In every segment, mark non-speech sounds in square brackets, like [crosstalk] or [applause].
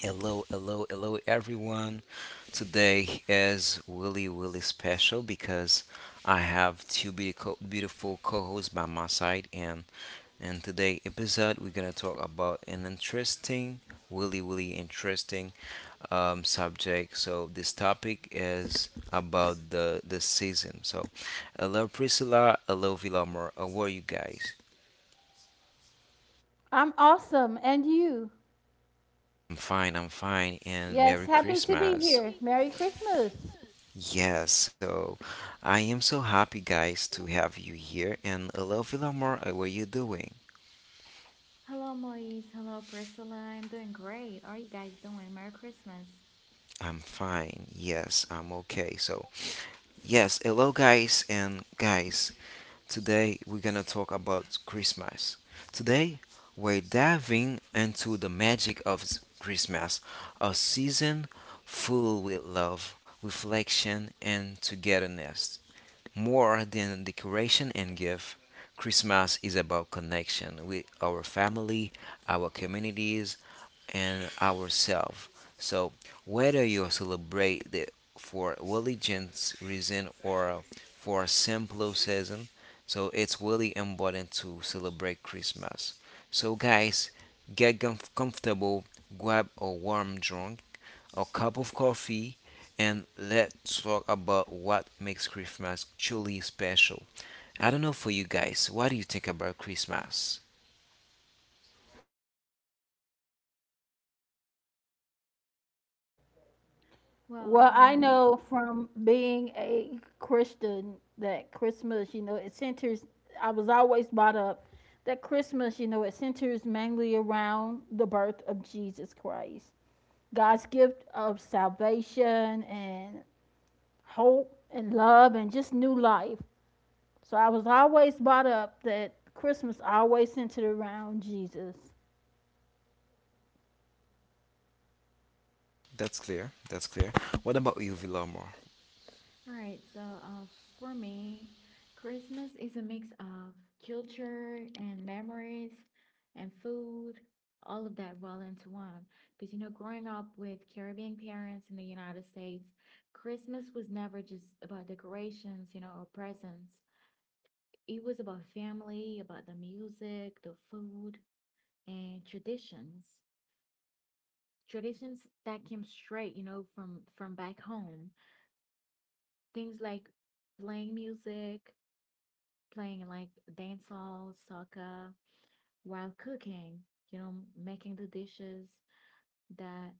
Hello, hello, hello, everyone. Today is really, really special because I have two beautiful, beautiful co-hosts by my side, and in today episode we're gonna talk about an interesting, really, really interesting subject. So this topic is about the season. So, hello Priscilla, hello Villamor. How are you guys? I'm awesome. And you? I'm fine, and Yes, Merry happy to be Christmas. here. Merry Christmas. Yeah, so I am so happy, guys, to have you here. And hello, Villamor, how are you doing? Hello, Moise. Hello, Priscilla. I'm doing great. How are you guys doing? Merry Christmas. I'm fine. Yes, I'm okay. So, yes, hello, guys, and guys, today we're gonna talk about Christmas. Today, we're diving into the magic of Christmas, a season full with love, reflection, and togetherness. More than decoration and gift, Christmas is about connection with our family, our communities, and ourselves. So, whether you celebrate the for religious reason or for simple season, so it's really important to celebrate Christmas. So, guys, get comfortable, grab a warm drink, a cup of coffee, and let's talk about what makes Christmas truly special. I don't know for you guys, what do you think about Christmas? Well, Well, I um, know from being a Christian that Christmas, you know, it centers, I was always brought up that Christmas, you know, it centers mainly around the birth of Jesus Christ, God's gift of salvation and hope and love and just new life. So I was always brought up that Christmas always centered around Jesus. That's clear. That's clear. What about you, Villamor? all right. So, for me, Christmas is a mix of culture and memories and food, all of that well into one. Because, you know, growing up with Caribbean parents in the United States, Christmas was never just about decorations, or presents. It was about family, about the music, the food, and traditions. Traditions that came straight, from back home. Things like playing music, playing like dancehall, soca, while cooking, you know, making the dishes that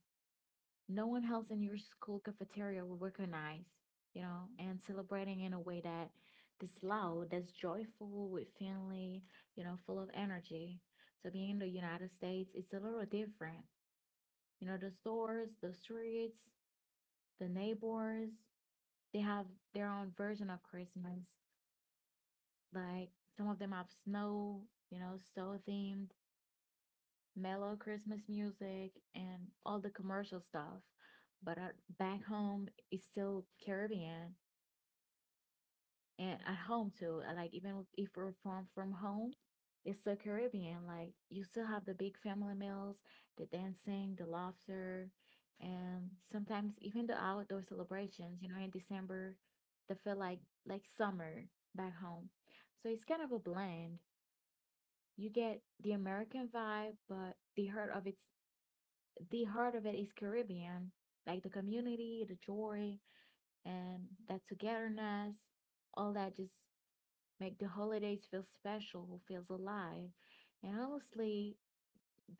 no one else in your school cafeteria will recognize, and celebrating in a way that's loud, that's joyful with family, full of energy. So being in the United States, it's a little different. The stores, the streets, the neighbors, they have their own version of Christmas. Like some of them have snow, snow themed, mellow Christmas music, and all the commercial stuff. But back home, is still Caribbean. And at home too. Like even if we're from home, it's still Caribbean. Like you still have the big family meals, the dancing, the laughter, and sometimes even the outdoor celebrations. In December, they feel like summer back home. So it's kind of a blend. You get the American vibe, but the heart of it's the heart of it is Caribbean. Like the community, the joy, and that togetherness, all that just make the holidays feel special, who feels alive. And honestly,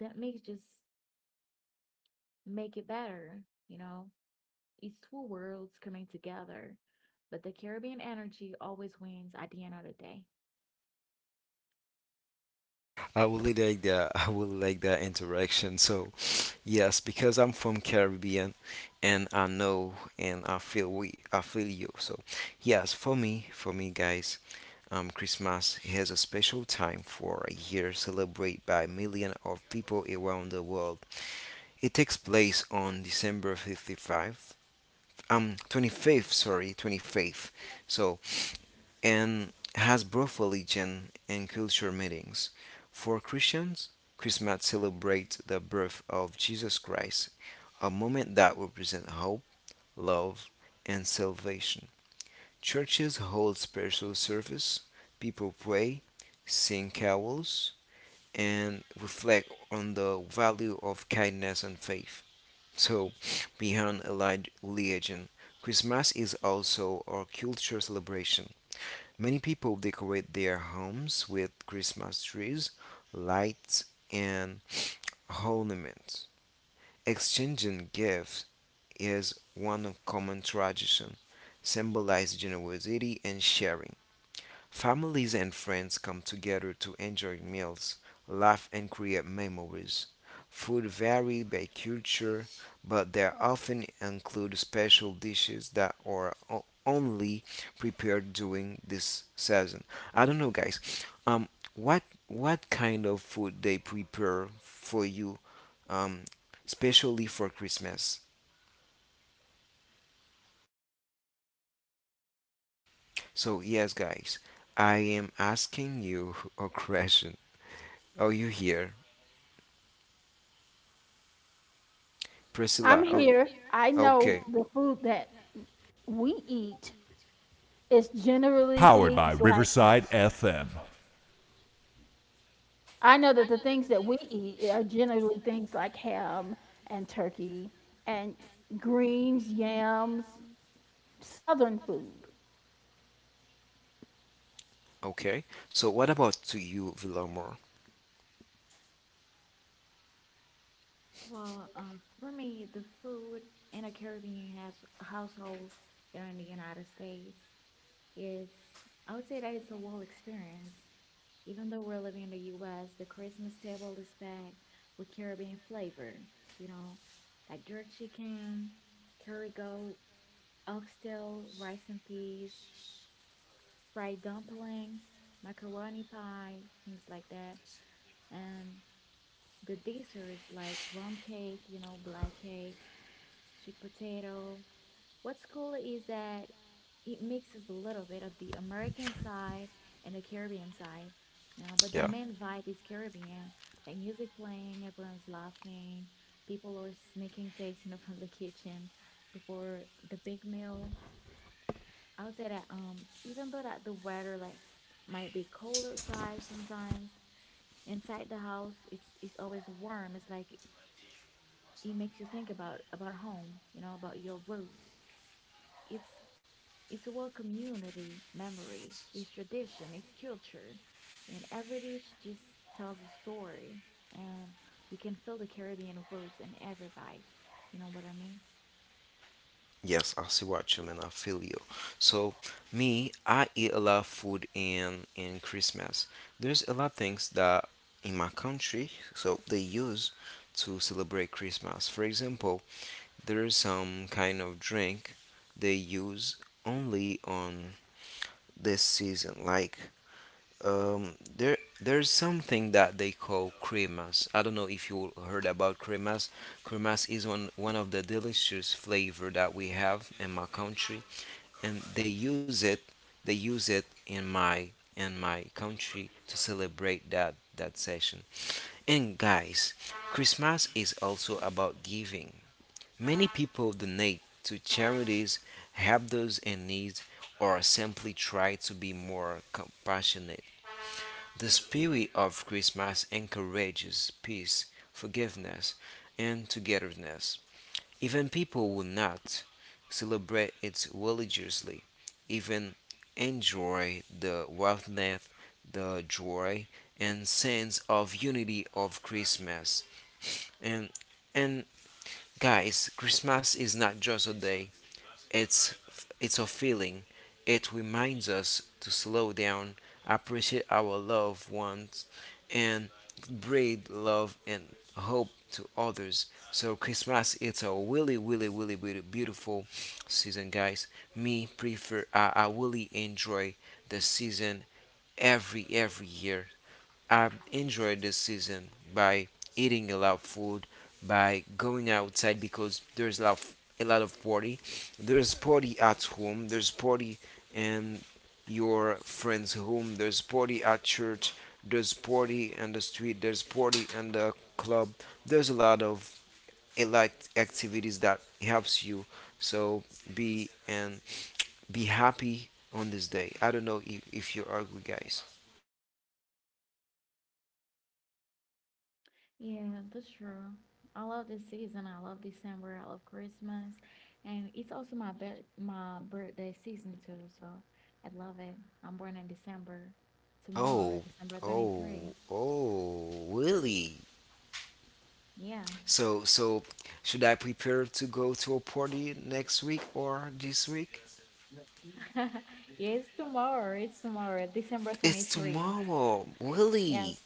that makes just make it better, you know? It's two worlds coming together, but the Caribbean energy always wins at the end of the day. I would really like that. [laughs] I would like that interaction. So, yes, because I'm from Caribbean, and I know and I feel I feel you. So, yes, for me, guys, Christmas has a special time for a year celebrated by millions of people around the world. It takes place on December 55, 25th, sorry, 25th. So, and has both religion and culture meanings. For Christians, Christmas celebrates the birth of Jesus Christ, a moment that represents hope, love, and salvation. Churches hold special service, people pray, sing carols, and reflect on the value of kindness and faith. So, beyond a religion, Christmas is also our culture celebration. Many people decorate their homes with Christmas trees, lights, and ornaments. Exchanging gifts is one of common tradition, symbolizes generosity and sharing. Families and friends come together to enjoy meals, laugh, and create memories. Food varies by culture, but they often include special dishes that are only prepared during this season. I don't know, guys. Um, what what kind of food they prepare for you, um, especially for Christmas? So yes, guys, I am asking you a [laughs] question. Are you here? I'm Priscilla. Oh, here. I know okay, the food that we eat is generally things like I know that the things that we eat are generally things like ham and turkey and greens, yams, southern food. okay. So what about to you, Villamor? Well, for me, the food in a Caribbean has household here in the United States, It's, I would say that it's a whole experience. Even though we're living in the US, the Christmas table is packed with Caribbean flavor, you know, like jerk chicken, curry goat, oxtail, rice and peas, fried dumplings, macaroni pie, things like that. And the desserts like rum cake, black cake, sweet potato. What's cool is that it mixes a little bit of the American side and the Caribbean side. But the Yeah. main vibe is Caribbean, like music playing, everyone's laughing, people are sneaking takes, from the kitchen before the big meal. I would say that even though that the weather like might be cold outside sometimes, inside the house it's always warm. It's like it makes you think about home, about your roots. It's It's what community, memory, it's tradition, it's culture, and every dish just tells a story. And you can feel the Caribbean roots in every bite. You know what I mean? Yes, I see what you mean. I feel you. So me, I eat a lot of food in Christmas. There's a lot of things that in my country, so they use to celebrate Christmas. For example, there is some kind of drink they use only on this season, like um, there's something that they call cremas. I don't know if you heard about cremas. Cremas is one of the delicious flavor that we have in my country, and they use it in my country to celebrate that session. And guys, Christmas is also about giving. Many people donate to charities, help those in need, or simply try to be more compassionate. The spirit of Christmas encourages peace, forgiveness, and togetherness. Even people who not celebrate it religiously even enjoy the warmth, the joy, and sense of unity of Christmas. And and guys, Christmas is not just a day, it's it's a feeling. It reminds us to slow down, appreciate our loved ones, and breathe love and hope to others. So Christmas, it's a really, really, really, really beautiful season, guys. Me prefer, I really enjoy the season every year I enjoyed this season by eating a lot of food, by going outside because there's a lot of party. There's party at home. There's party in your friend's home. There's party at church. There's party in the street. There's party in the club. There's a lot activities that helps you. So be and be happy on this day. I don't know if you agree, guys. Yeah, that's true. I love this season. I love December. I love Christmas, and it's also my birthday season too. So I love it. I'm born in December. Tomorrow, Oh, December 23. oh, oh, really? Yeah. So, should I prepare to go to a party next week or this week? [laughs] Yes, tomorrow. It's tomorrow, December It's 23. tomorrow, Yes. really.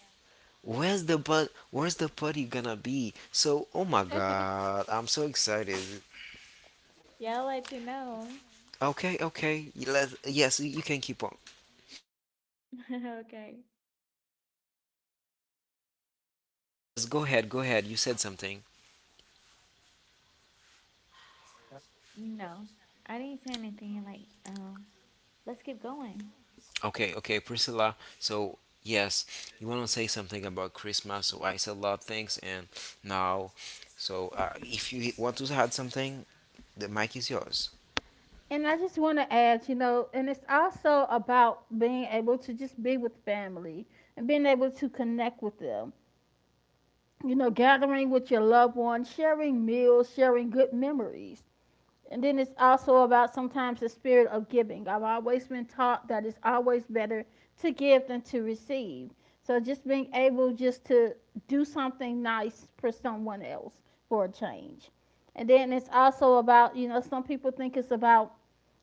Where's the but? Where's the party gonna be? So, oh my [laughs] God, I'm so excited. Yeah, I'll let you know. Okay, okay. Let yes, you can keep on. [laughs] Okay. Yes, go ahead, go ahead. You said something. No, I didn't say anything like, let's keep going. Okay, okay, Priscilla. So, yes, you want to say something about Christmas? So, I said a lot of things, and now, so if you want to add something, the mic is yours. And I just want to add, you know, and it's also about being able to just be with family and being able to connect with them. You know, gathering with your loved ones, sharing meals, sharing good memories. And then it's also about sometimes the spirit of giving. I've always been taught that it's always better to give than to receive. So just being able just to do something nice for someone else for a change. And then it's also about, you know, some people think it's about,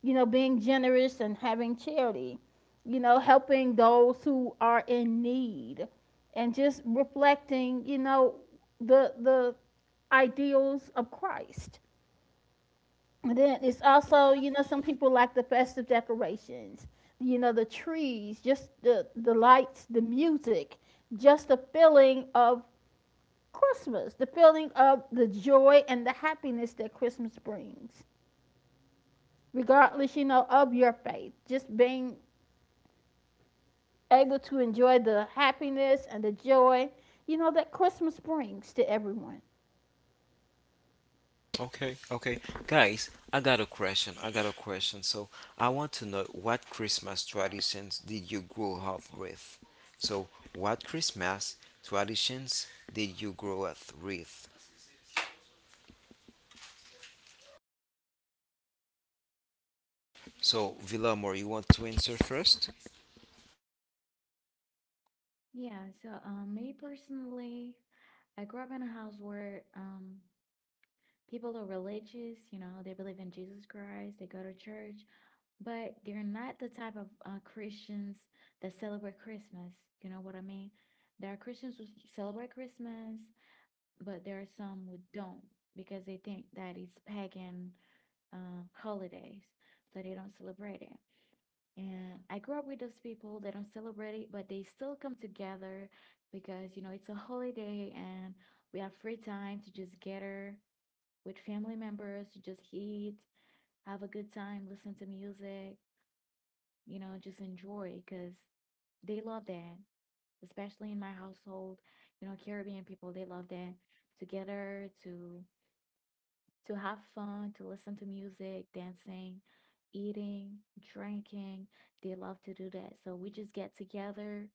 you know, being generous and having charity, you know, helping those who are in need and just reflecting, you know, the ideals of Christ, and then it's also, you know, some people like the festive decorations, you know, the trees, just the lights, the music, just the feeling of Christmas, the feeling of the joy and the happiness that Christmas brings, regardless, you know, of your faith. Just being able to enjoy the happiness and the joy, you know, that Christmas brings to everyone. Okay, okay. Guys, I got a question. I got a question. So, I want to know what Christmas traditions did you grow up with? So, what Christmas traditions did you grow up with? So, Villamor, you want to answer first? Yeah, so me personally, I grew up in a house where people are religious, they believe in Jesus Christ, they go to church, but they're not the type of Christians that celebrate Christmas. You know what I mean? There are Christians who celebrate Christmas, but there are some who don't because they think that it's pagan holidays, so they don't celebrate it. And I grew up with those people. They don't celebrate it, but they still come together because it's a holiday and we have free time to just gather with family members to just eat, have a good time, listen to music, just enjoy because they love that, especially in my household. Caribbean people, they love that together to have fun, to listen to music, dancing, eating, drinking. They love to do that. So we just get together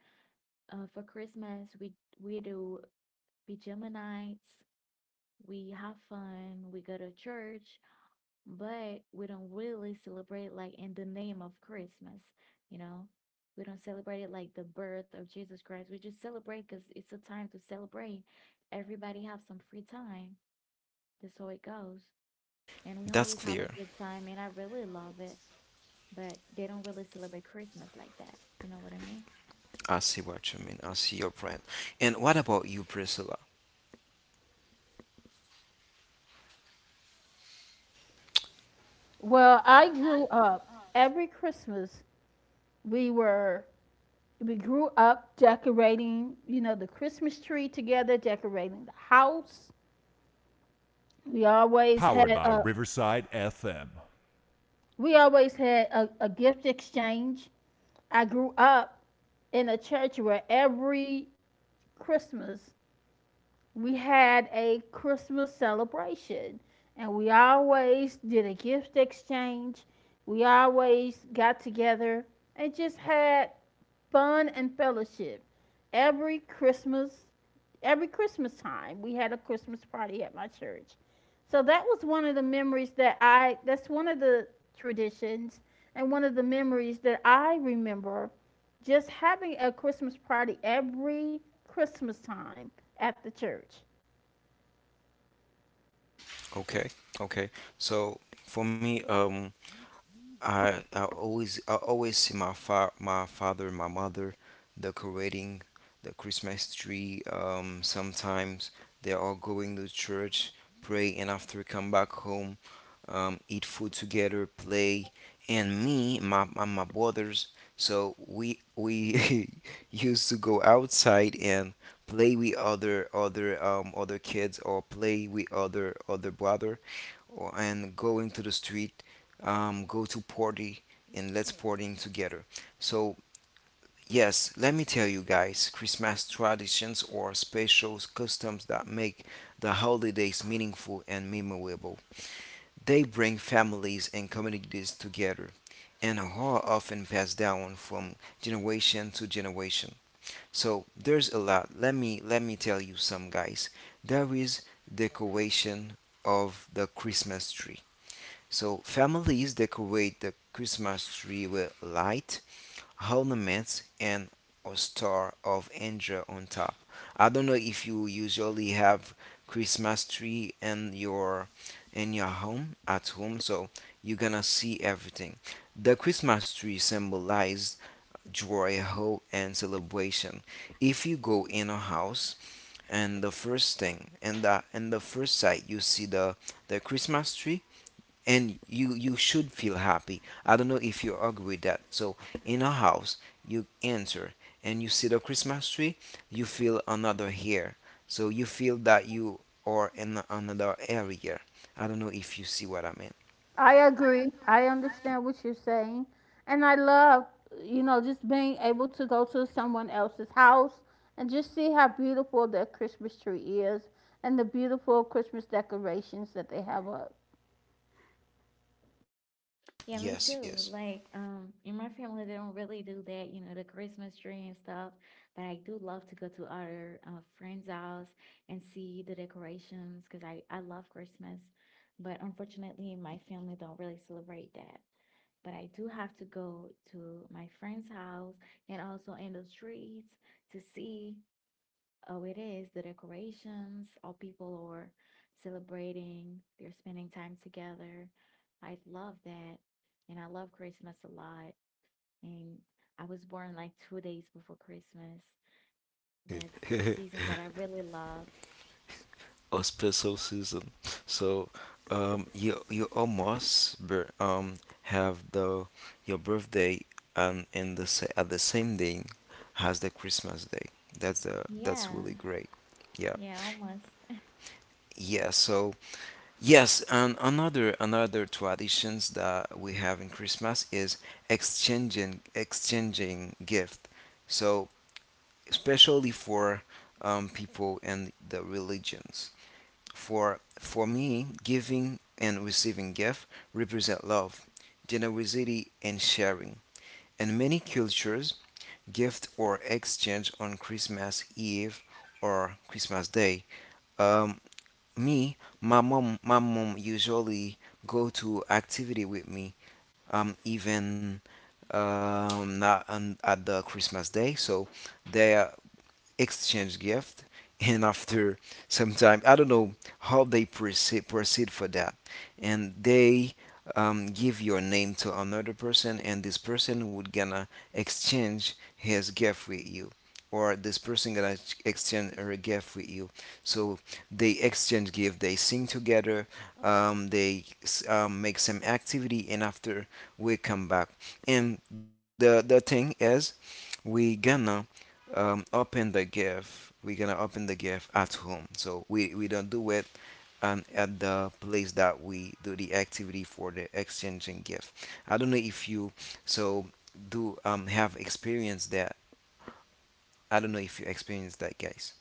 for Christmas. We do pajama nights. We have fun. We go to church, but we don't really celebrate like in the name of Christmas, you know? We don't celebrate it like the birth of Jesus Christ. We just celebrate because it's a time to celebrate. Everybody have some free time. That's how it goes. And we always That's have a clear. good time, and I really love it. But they don't really celebrate Christmas like that. You know what I mean? I see what you mean. I see your point. And what about you, Priscilla? Well, I grew up every Christmas, we were we grew up decorating, you know, the Christmas tree together, decorating the house. We always had a we always had a gift exchange. I grew up in a church where every Christmas we had a Christmas celebration, and we always did a gift exchange. We always got together and just had fun and fellowship every Christmas, every Christmas time. We had a Christmas party at my church. So that was one of the memories that that's one of the traditions and one of the memories that I remember, just having a Christmas party every Christmas time at the church. Okay, okay. So for me, I always see my my father and my mother decorating the Christmas tree. Sometimes they are going to church, pray, and after come back home, eat food together, play. And me, my brothers, so we [laughs] used to go outside and play with other other kids or play with other brother or, and go into the street, go to party, and let's partying together. So yes, let me tell you guys, Christmas traditions or special customs that make the holidays meaningful and memorable. They bring families and communities together and are often passed down from generation to generation. So there's a lot. Let me tell you some guys. There is decoration of the Christmas tree. So families decorate the Christmas tree with light, ornaments, and a star of angel on top. I don't know if you usually have Christmas tree in your home at home, so you're gonna see everything. The Christmas tree symbolizes joy, hope, and celebration. If you go in a house and the first sight you see the Christmas tree, and you should feel happy. I don't know if you agree with that. So in a house you enter and you see the Christmas tree, you feel another here, so you feel that you are in another area. I don't know if you see what I mean. I agree. I understand what you're saying. And I love, you know, just being able to go to someone else's house and just see how beautiful their Christmas tree is and the beautiful Christmas decorations that they have up. Yeah, me Yes, too. yes. Like, in my family, they don't really do that, the Christmas tree and stuff. But I do love to go to other friends' house and see the decorations because I love Christmas. But unfortunately, my family don't really celebrate that. But I do have to go to my friend's house and also in the streets to see. Oh, it is the decorations. All people are celebrating. They're spending time together. I love that. And I love Christmas a lot. And I was born like 2 days before Christmas. That's a [laughs] season that I really love. Auspicialism. So you you almost bir- um, have the your birthday in the at the same day as the Christmas day. That's Yeah. really great. Yeah. Yeah, almost. Yeah, so yes, and another traditions that we have in Christmas is exchanging gift. So especially for people and the religions. For me, giving and receiving gift represent love, generosity, and sharing. In many cultures, gift or exchange on Christmas Eve or Christmas Day. Um, me, my mom usually go to activity with me. Even not on, at the Christmas Day. So there, exchange gift and after some time I don't know how they proceed for that, and they give your name to another person and this person would gonna exchange his gift with you or this person gonna exchange her gift with you. So they exchange gift, they sing together, they make some activity and after we come back. And the thing is we gonna open the GIF. We're gonna open the GIF at home. So we don't do it and at the place that we do the activity for the exchanging GIF. I don't know if you so do have experience that. I don't know if you experience that, guys.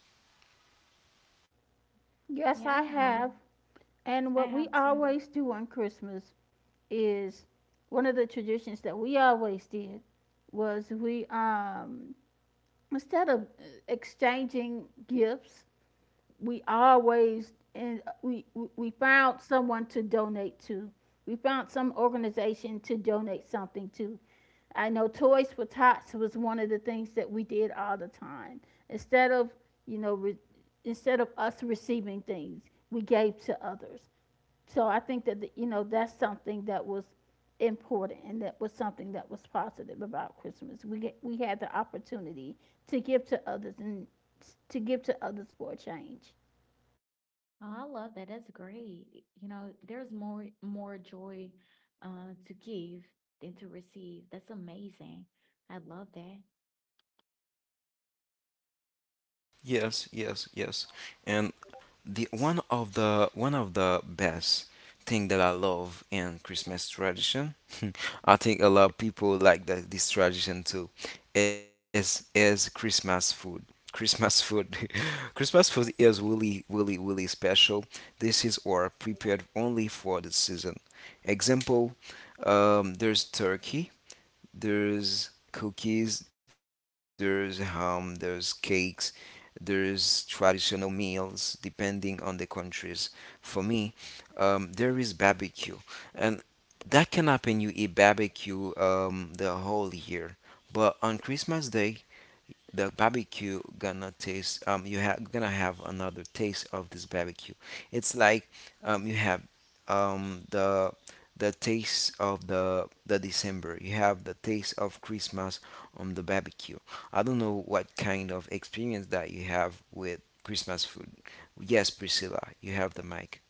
Yes, Yeah, I I have. have. And I what we have to. always do on Christmas is one of the traditions that we always did was we instead of exchanging gifts, we always found someone to donate to. We found some organization to donate something to. I know Toys for Tots was one of the things that we did all the time. Instead of you know re- Instead of us receiving things, we gave to others. So I think that, you know, that's something that was important, and that was something that was positive about Christmas. We had the opportunity to give to others and to give to others for a change. Oh, I love that. That's great. There's more joy to give than to receive. That's amazing. I love that. Yes, yes, yes. And the one of the one of the best thing that I love in Christmas tradition, [laughs] I think a lot of people like that this tradition too, is Christmas food. Christmas food. [laughs] Christmas food is really, really, really special. This is or prepared only for the season. Example, there's turkey, there's cookies, there's ham, there's cakes, there's traditional meals depending on the countries. For me, there is barbecue, and that can happen. You eat barbecue the whole year, but on Christmas Day, the barbecue gonna taste you have gonna have another taste of this barbecue. It's like you have um the the taste of the December, you have the taste of Christmas on the barbecue. I don't know what kind of experience that you have with Christmas food. Yes Priscilla, you have the mic.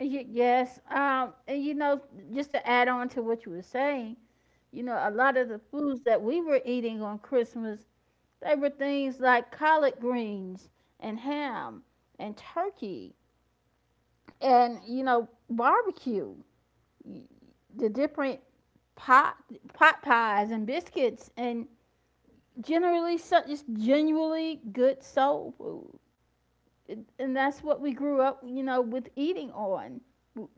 Yes. And you know, just to add on to what you were saying, you know, a lot of the foods that we were eating on Christmas, they were things like collard greens and ham and turkey and, you know, barbecue, the different pot pot pies and biscuits, and generally so, just genuinely good soul food. It- and that's what we grew up, you know, with eating on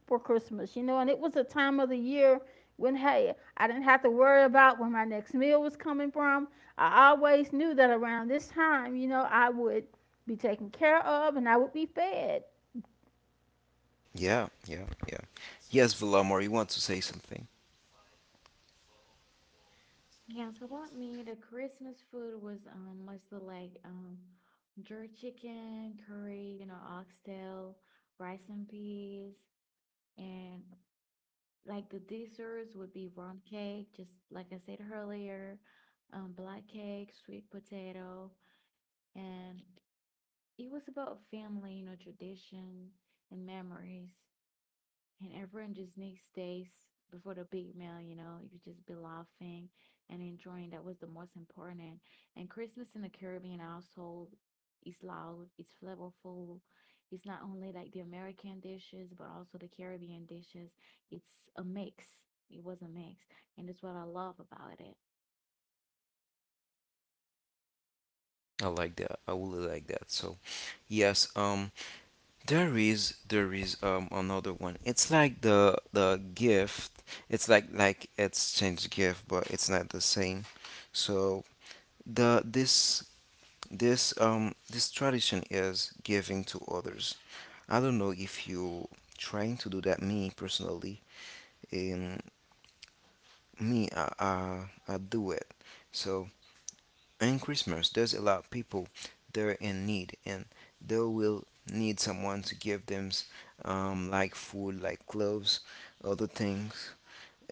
for Christmas, you know, and it was a time of the year when, hey, I didn't have to worry about where my next meal was coming from. I always knew that around this time, you know, I would be taken care of and I would be fed. Yeah, yeah, yeah. Yes Villamor, you want to say something? Yeah, so about me, the Christmas food was mostly like jerk chicken, curry, oxtail, rice and peas, and like the desserts would be rum cake, just like I said earlier, black cake, sweet potato, and it was about family, tradition and memories and everyone just next days before the big meal, you could just be laughing and enjoying. That was the most important. And Christmas in the Caribbean household is loud, it's flavorful. It's not only like the American dishes, but also the Caribbean dishes. It's a mix. It was a mix, and that's what I love about it. I like that. I really like that. So yes um, there is another one. It's like the gift. It's like exchange gift, but it's not the same. So the this this this tradition is giving to others. I don't know if you trying to do that. Me personally, um, me I do it. So And Christmas does allow people they're in need and they will need someone to give them like food, like clothes, other things.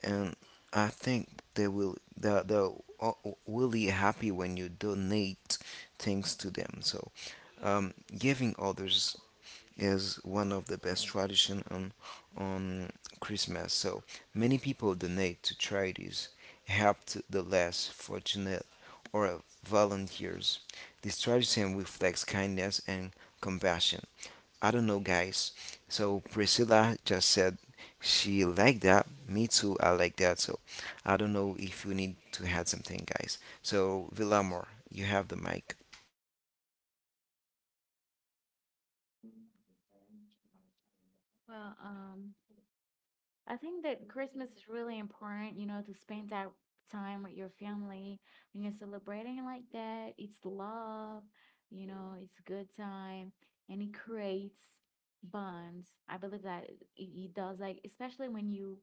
And I think they're really happy when you donate things to them. So giving others is one of the best tradition on Christmas. So many people donate to charities, help to the less fortunate, or volunteers. This tradition reflects kindness and compassion. I don't know, guys. So Priscilla just said she liked that. Me too. I like that. So I don't know if you need to add something, guys. So Villamor, you have the mic. Well, I think that Christmas is really important, to spend that time with your family when you're celebrating like that. It's love, it's a good time and it creates bonds. I believe that it does, like, especially when you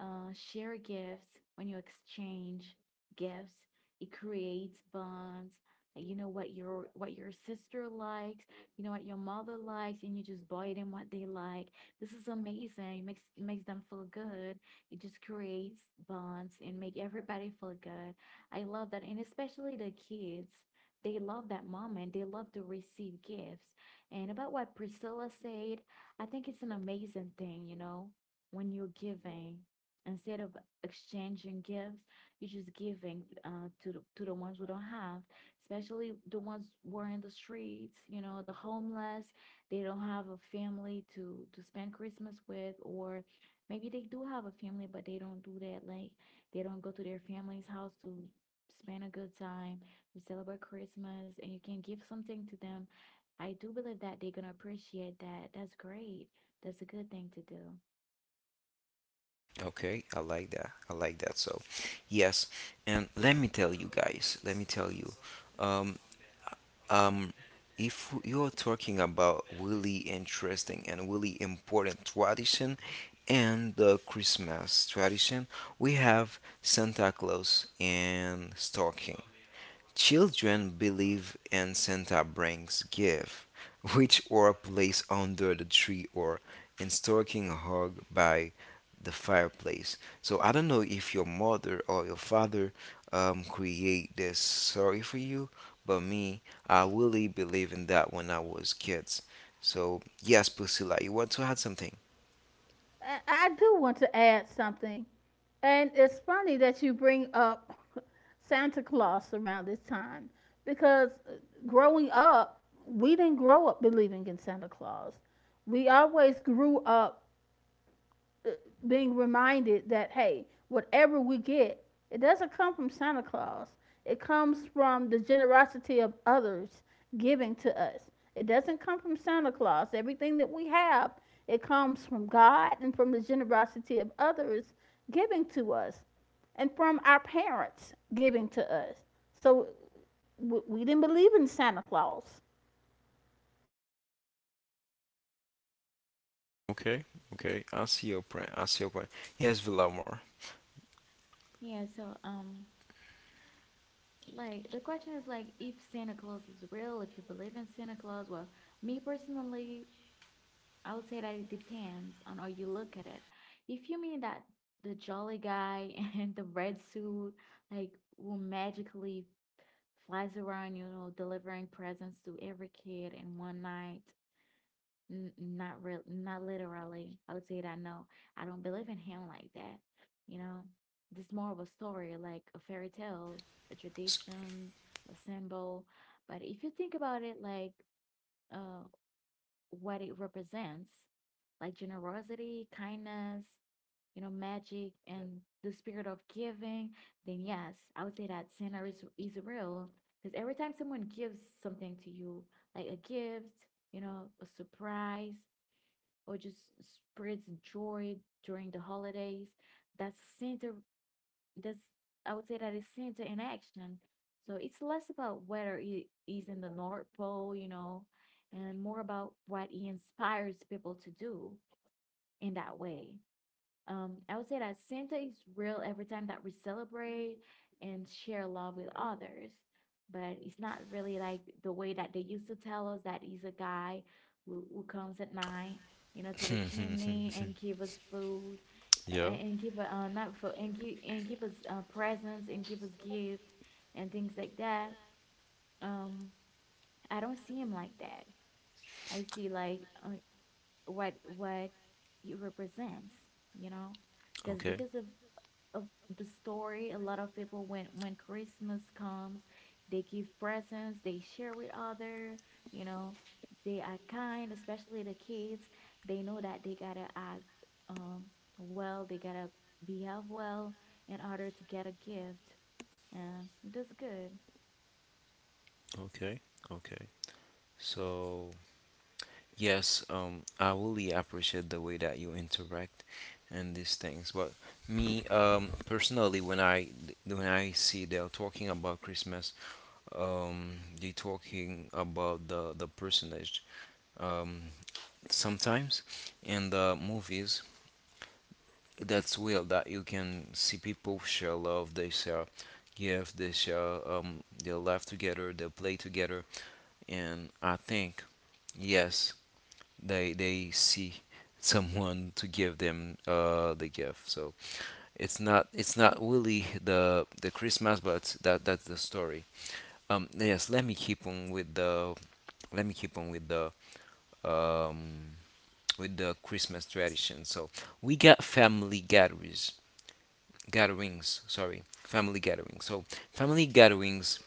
share gifts, when you exchange gifts, it creates bonds. Like, you know what your sister likes, you know what your mother likes, and you just buy them what they like. This is amazing. It makes them feel good. It just creates bonds and make everybody feel good. I love that, and especially the kids, they love that moment. They love to receive gifts. And about what Priscilla said, I think it's an amazing thing. When you're giving instead of exchanging gifts, you're just giving to the ones who don't have, especially the ones who are in the streets, the homeless. They don't have a family to spend Christmas with, or maybe they do have a family but they don't do that. Like they don't go to their family's house to spend a good time, to celebrate Christmas, and you can give something to them. I do believe that they're going to appreciate that. That's great. That's a good thing to do. Okay, I like that. I like that. So, yes, and let me tell you guys, let me tell you, um, um, if you're talking about really interesting and really important tradition and the Christmas tradition, we have Santa Claus and stocking. Children believe in Santa brings gift, which are placed under the tree or in stocking hung by the fireplace. So I don't know if your mother or your father create this story for you, but me, I really believe in that when I was kids. So yes, Priscilla, you want to add something? I do want to add something. And it's funny that you bring up Santa Claus around this time because growing up, we didn't grow up believing in Santa Claus. We always grew up uh, being reminded that, hey, whatever we get, it doesn't come from Santa Claus. It comes from the generosity of others giving to us. It doesn't come from Santa Claus. Everything that we have, it comes from God and from the generosity of others giving to us and from our parents giving to us. So we didn't believe in Santa Claus. Okay, okay. I see your point. I see your point. Yes, Villamor. Yeah, so like the question is like if Santa Claus is real, if you believe in Santa Claus, well, me personally, I would say that it depends on how you look at it. If you mean that the jolly guy [laughs] and the red suit, like, will magically flies around, delivering presents to every kid in one night, not real, not literally. I would say that no, I don't believe in him like that. You know, this more of a story, like a fairy tale, a S- tradition, a symbol. But if you think about it, like, uh, what it represents like generosity, kindness, magic, Yeah. and the spirit of giving, then yes, I would say that Santa is real. Because every time someone gives something to you, like a gift, a surprise, or just spreads joy during the holidays, that's Santa that's I would say that that is center in action. So it's less about whether it is in the North Pole, and more about what it inspires people to do in that way. I would say that Santa is real every time that we celebrate and share love with others, but it's not really like the way that they used to tell us that he's a guy who comes at night, to the chimney and give us food Yeah. and give not food and give us presents and give us gifts and things like that. Um, I don't see him like that. I see like what he represents, you know because Okay, because of the story. A lot of people when Christmas comes, they give presents, they share with other, you know, they are kind, especially the kids. They know that they gotta act um well, they gotta behave well in order to get a gift. And that's good. okay, okay. So yes, I really appreciate the way that you interact and these things. But me, personally, when I see they're talking about Christmas, they're talking about the personage, um, sometimes in the movies. That's real that you can see people share love, they share gifts, they share they laugh together, they play together, and I think yes they see someone to give them the gift. So it's not really the Christmas, but that's the story. Yes, let me keep on with the let me keep on um, with the Christmas tradition. So we got family gatherings gatherings sorry family gatherings so family gatherings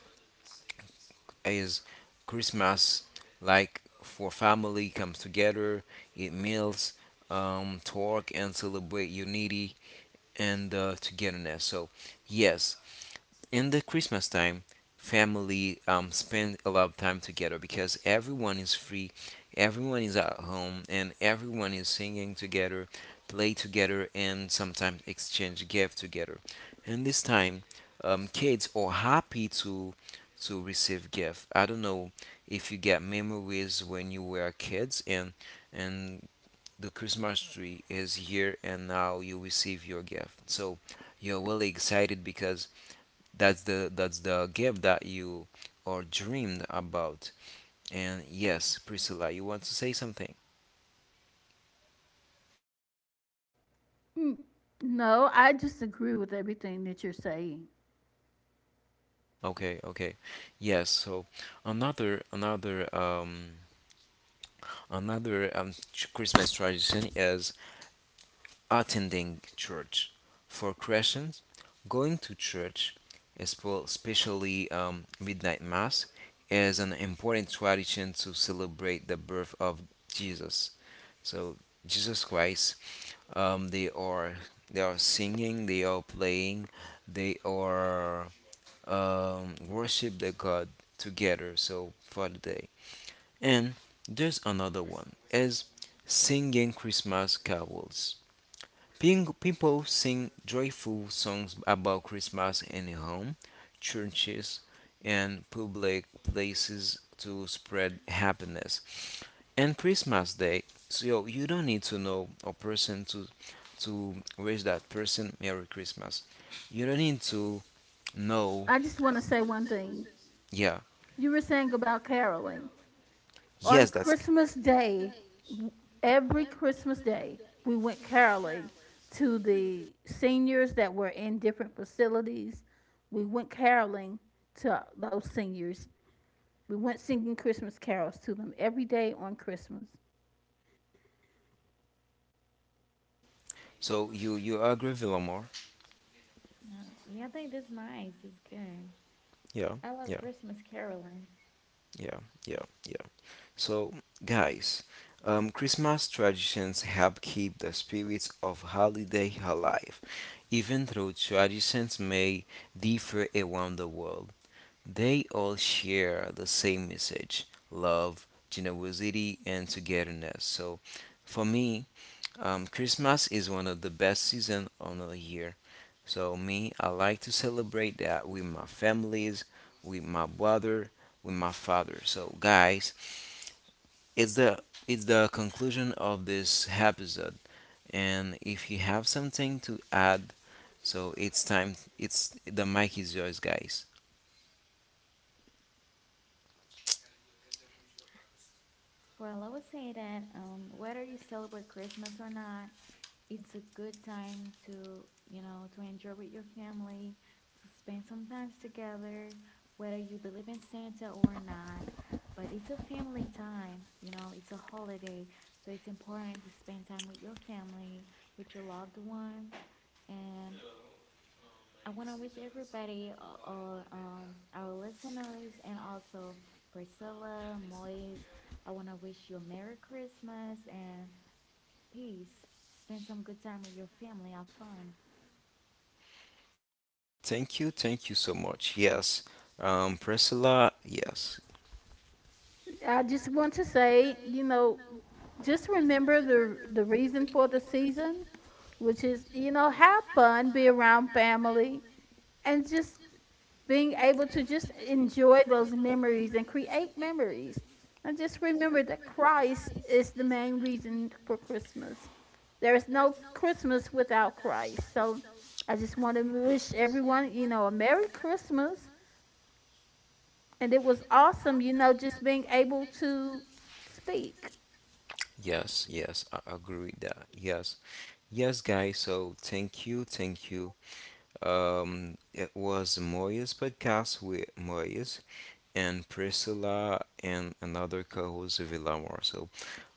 is Christmas, like for family comes together, eat meals, talk and celebrate unity and togetherness. So yes, in the Christmas time, family spend a lot of time together because everyone is free, everyone is at home, and everyone is singing together, play together, and sometimes exchange gift together. And this time, kids are happy to receive gift. I don't know if you get memories when you were kids and the Christmas tree is here and now you receive your gift. So you're really excited because that's the game that you or dreamed about. And yes, Priscilla, you want to say something? No, I just agree with everything that you're saying. Okay, okay. Yes, so another another um Christmas tradition is attending church. For Christians, going to church, especially midnight mass, is an important tradition to celebrate the birth of Jesus. So Jesus Christ, um, they are they are singing, they are playing, they are worship the God together. So for the day, and there's another one is singing Christmas carols. People sing joyful songs about Christmas in home, churches, and public places to spread happiness. And Christmas Day, so you don't need to know a person to wish that person Merry Christmas. You don't need to know. I just want to say one thing. Yeah. You were saying about caroling. On Yes, that's Christmas Day, w- every Christmas Day, we went caroling to the seniors that were in different facilities. We went caroling to those seniors. We went singing Christmas carols to them every day on Christmas. so. You agree, Villamor? Yeah. Yeah, I think that's nice. It's good. Yeah. I love Yeah. Christmas caroling. Yeah. Yeah. Yeah. So, guys, Christmas traditions help keep the spirit of holiday alive. Even though traditions may differ around the world, they all share the same message love, generosity, and togetherness. So, for me, Christmas is one of the best seasons on the year. So, me, I like to celebrate that with my families, with my brother, with my father. So, guys, it's the it's the conclusion of this episode, and if you have something to add, so it's time. It's the mic is yours, guys. Well, I would say that whether you celebrate Christmas or not, it's a good time to to enjoy with your family to spend some time together whether you believe in Santa or not, but it's a family time, it's a holiday, so it's important to spend time with your family with your loved ones. And I want to wish everybody all, our listeners and also Priscilla, Moise, I want to wish you a Merry Christmas and Peace. Spend some good time with your family. Have fun. Thank you so much. Yes, Priscilla. Yes, I just want to say, you know, just remember the reason for the season, which is, you know, have fun, be around family, and just being able to just enjoy those memories and create memories. And just remember that Christ is the main reason for Christmas. There is no Christmas without Christ. So I just want to wish everyone, you know, a Merry Christmas, and it was awesome, you know, just being able to speak. yes, yes. I agree with that. Yes, yes, guys. So thank you, thank you. It was Moya's podcast with Moya's and Priscilla and another co-host Villamor. So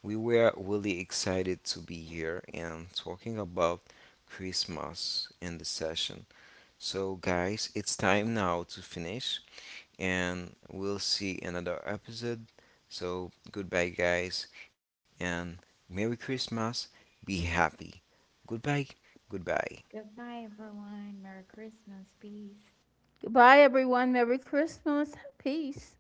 we were really excited to be here and talking about Christmas in the session. So guys, it's time now to finish and we'll see another episode. So goodbye guys and Merry Christmas. Be happy. Goodbye. Goodbye. Goodbye, everyone. Merry Christmas. Peace. Goodbye, everyone. Merry Christmas. Peace.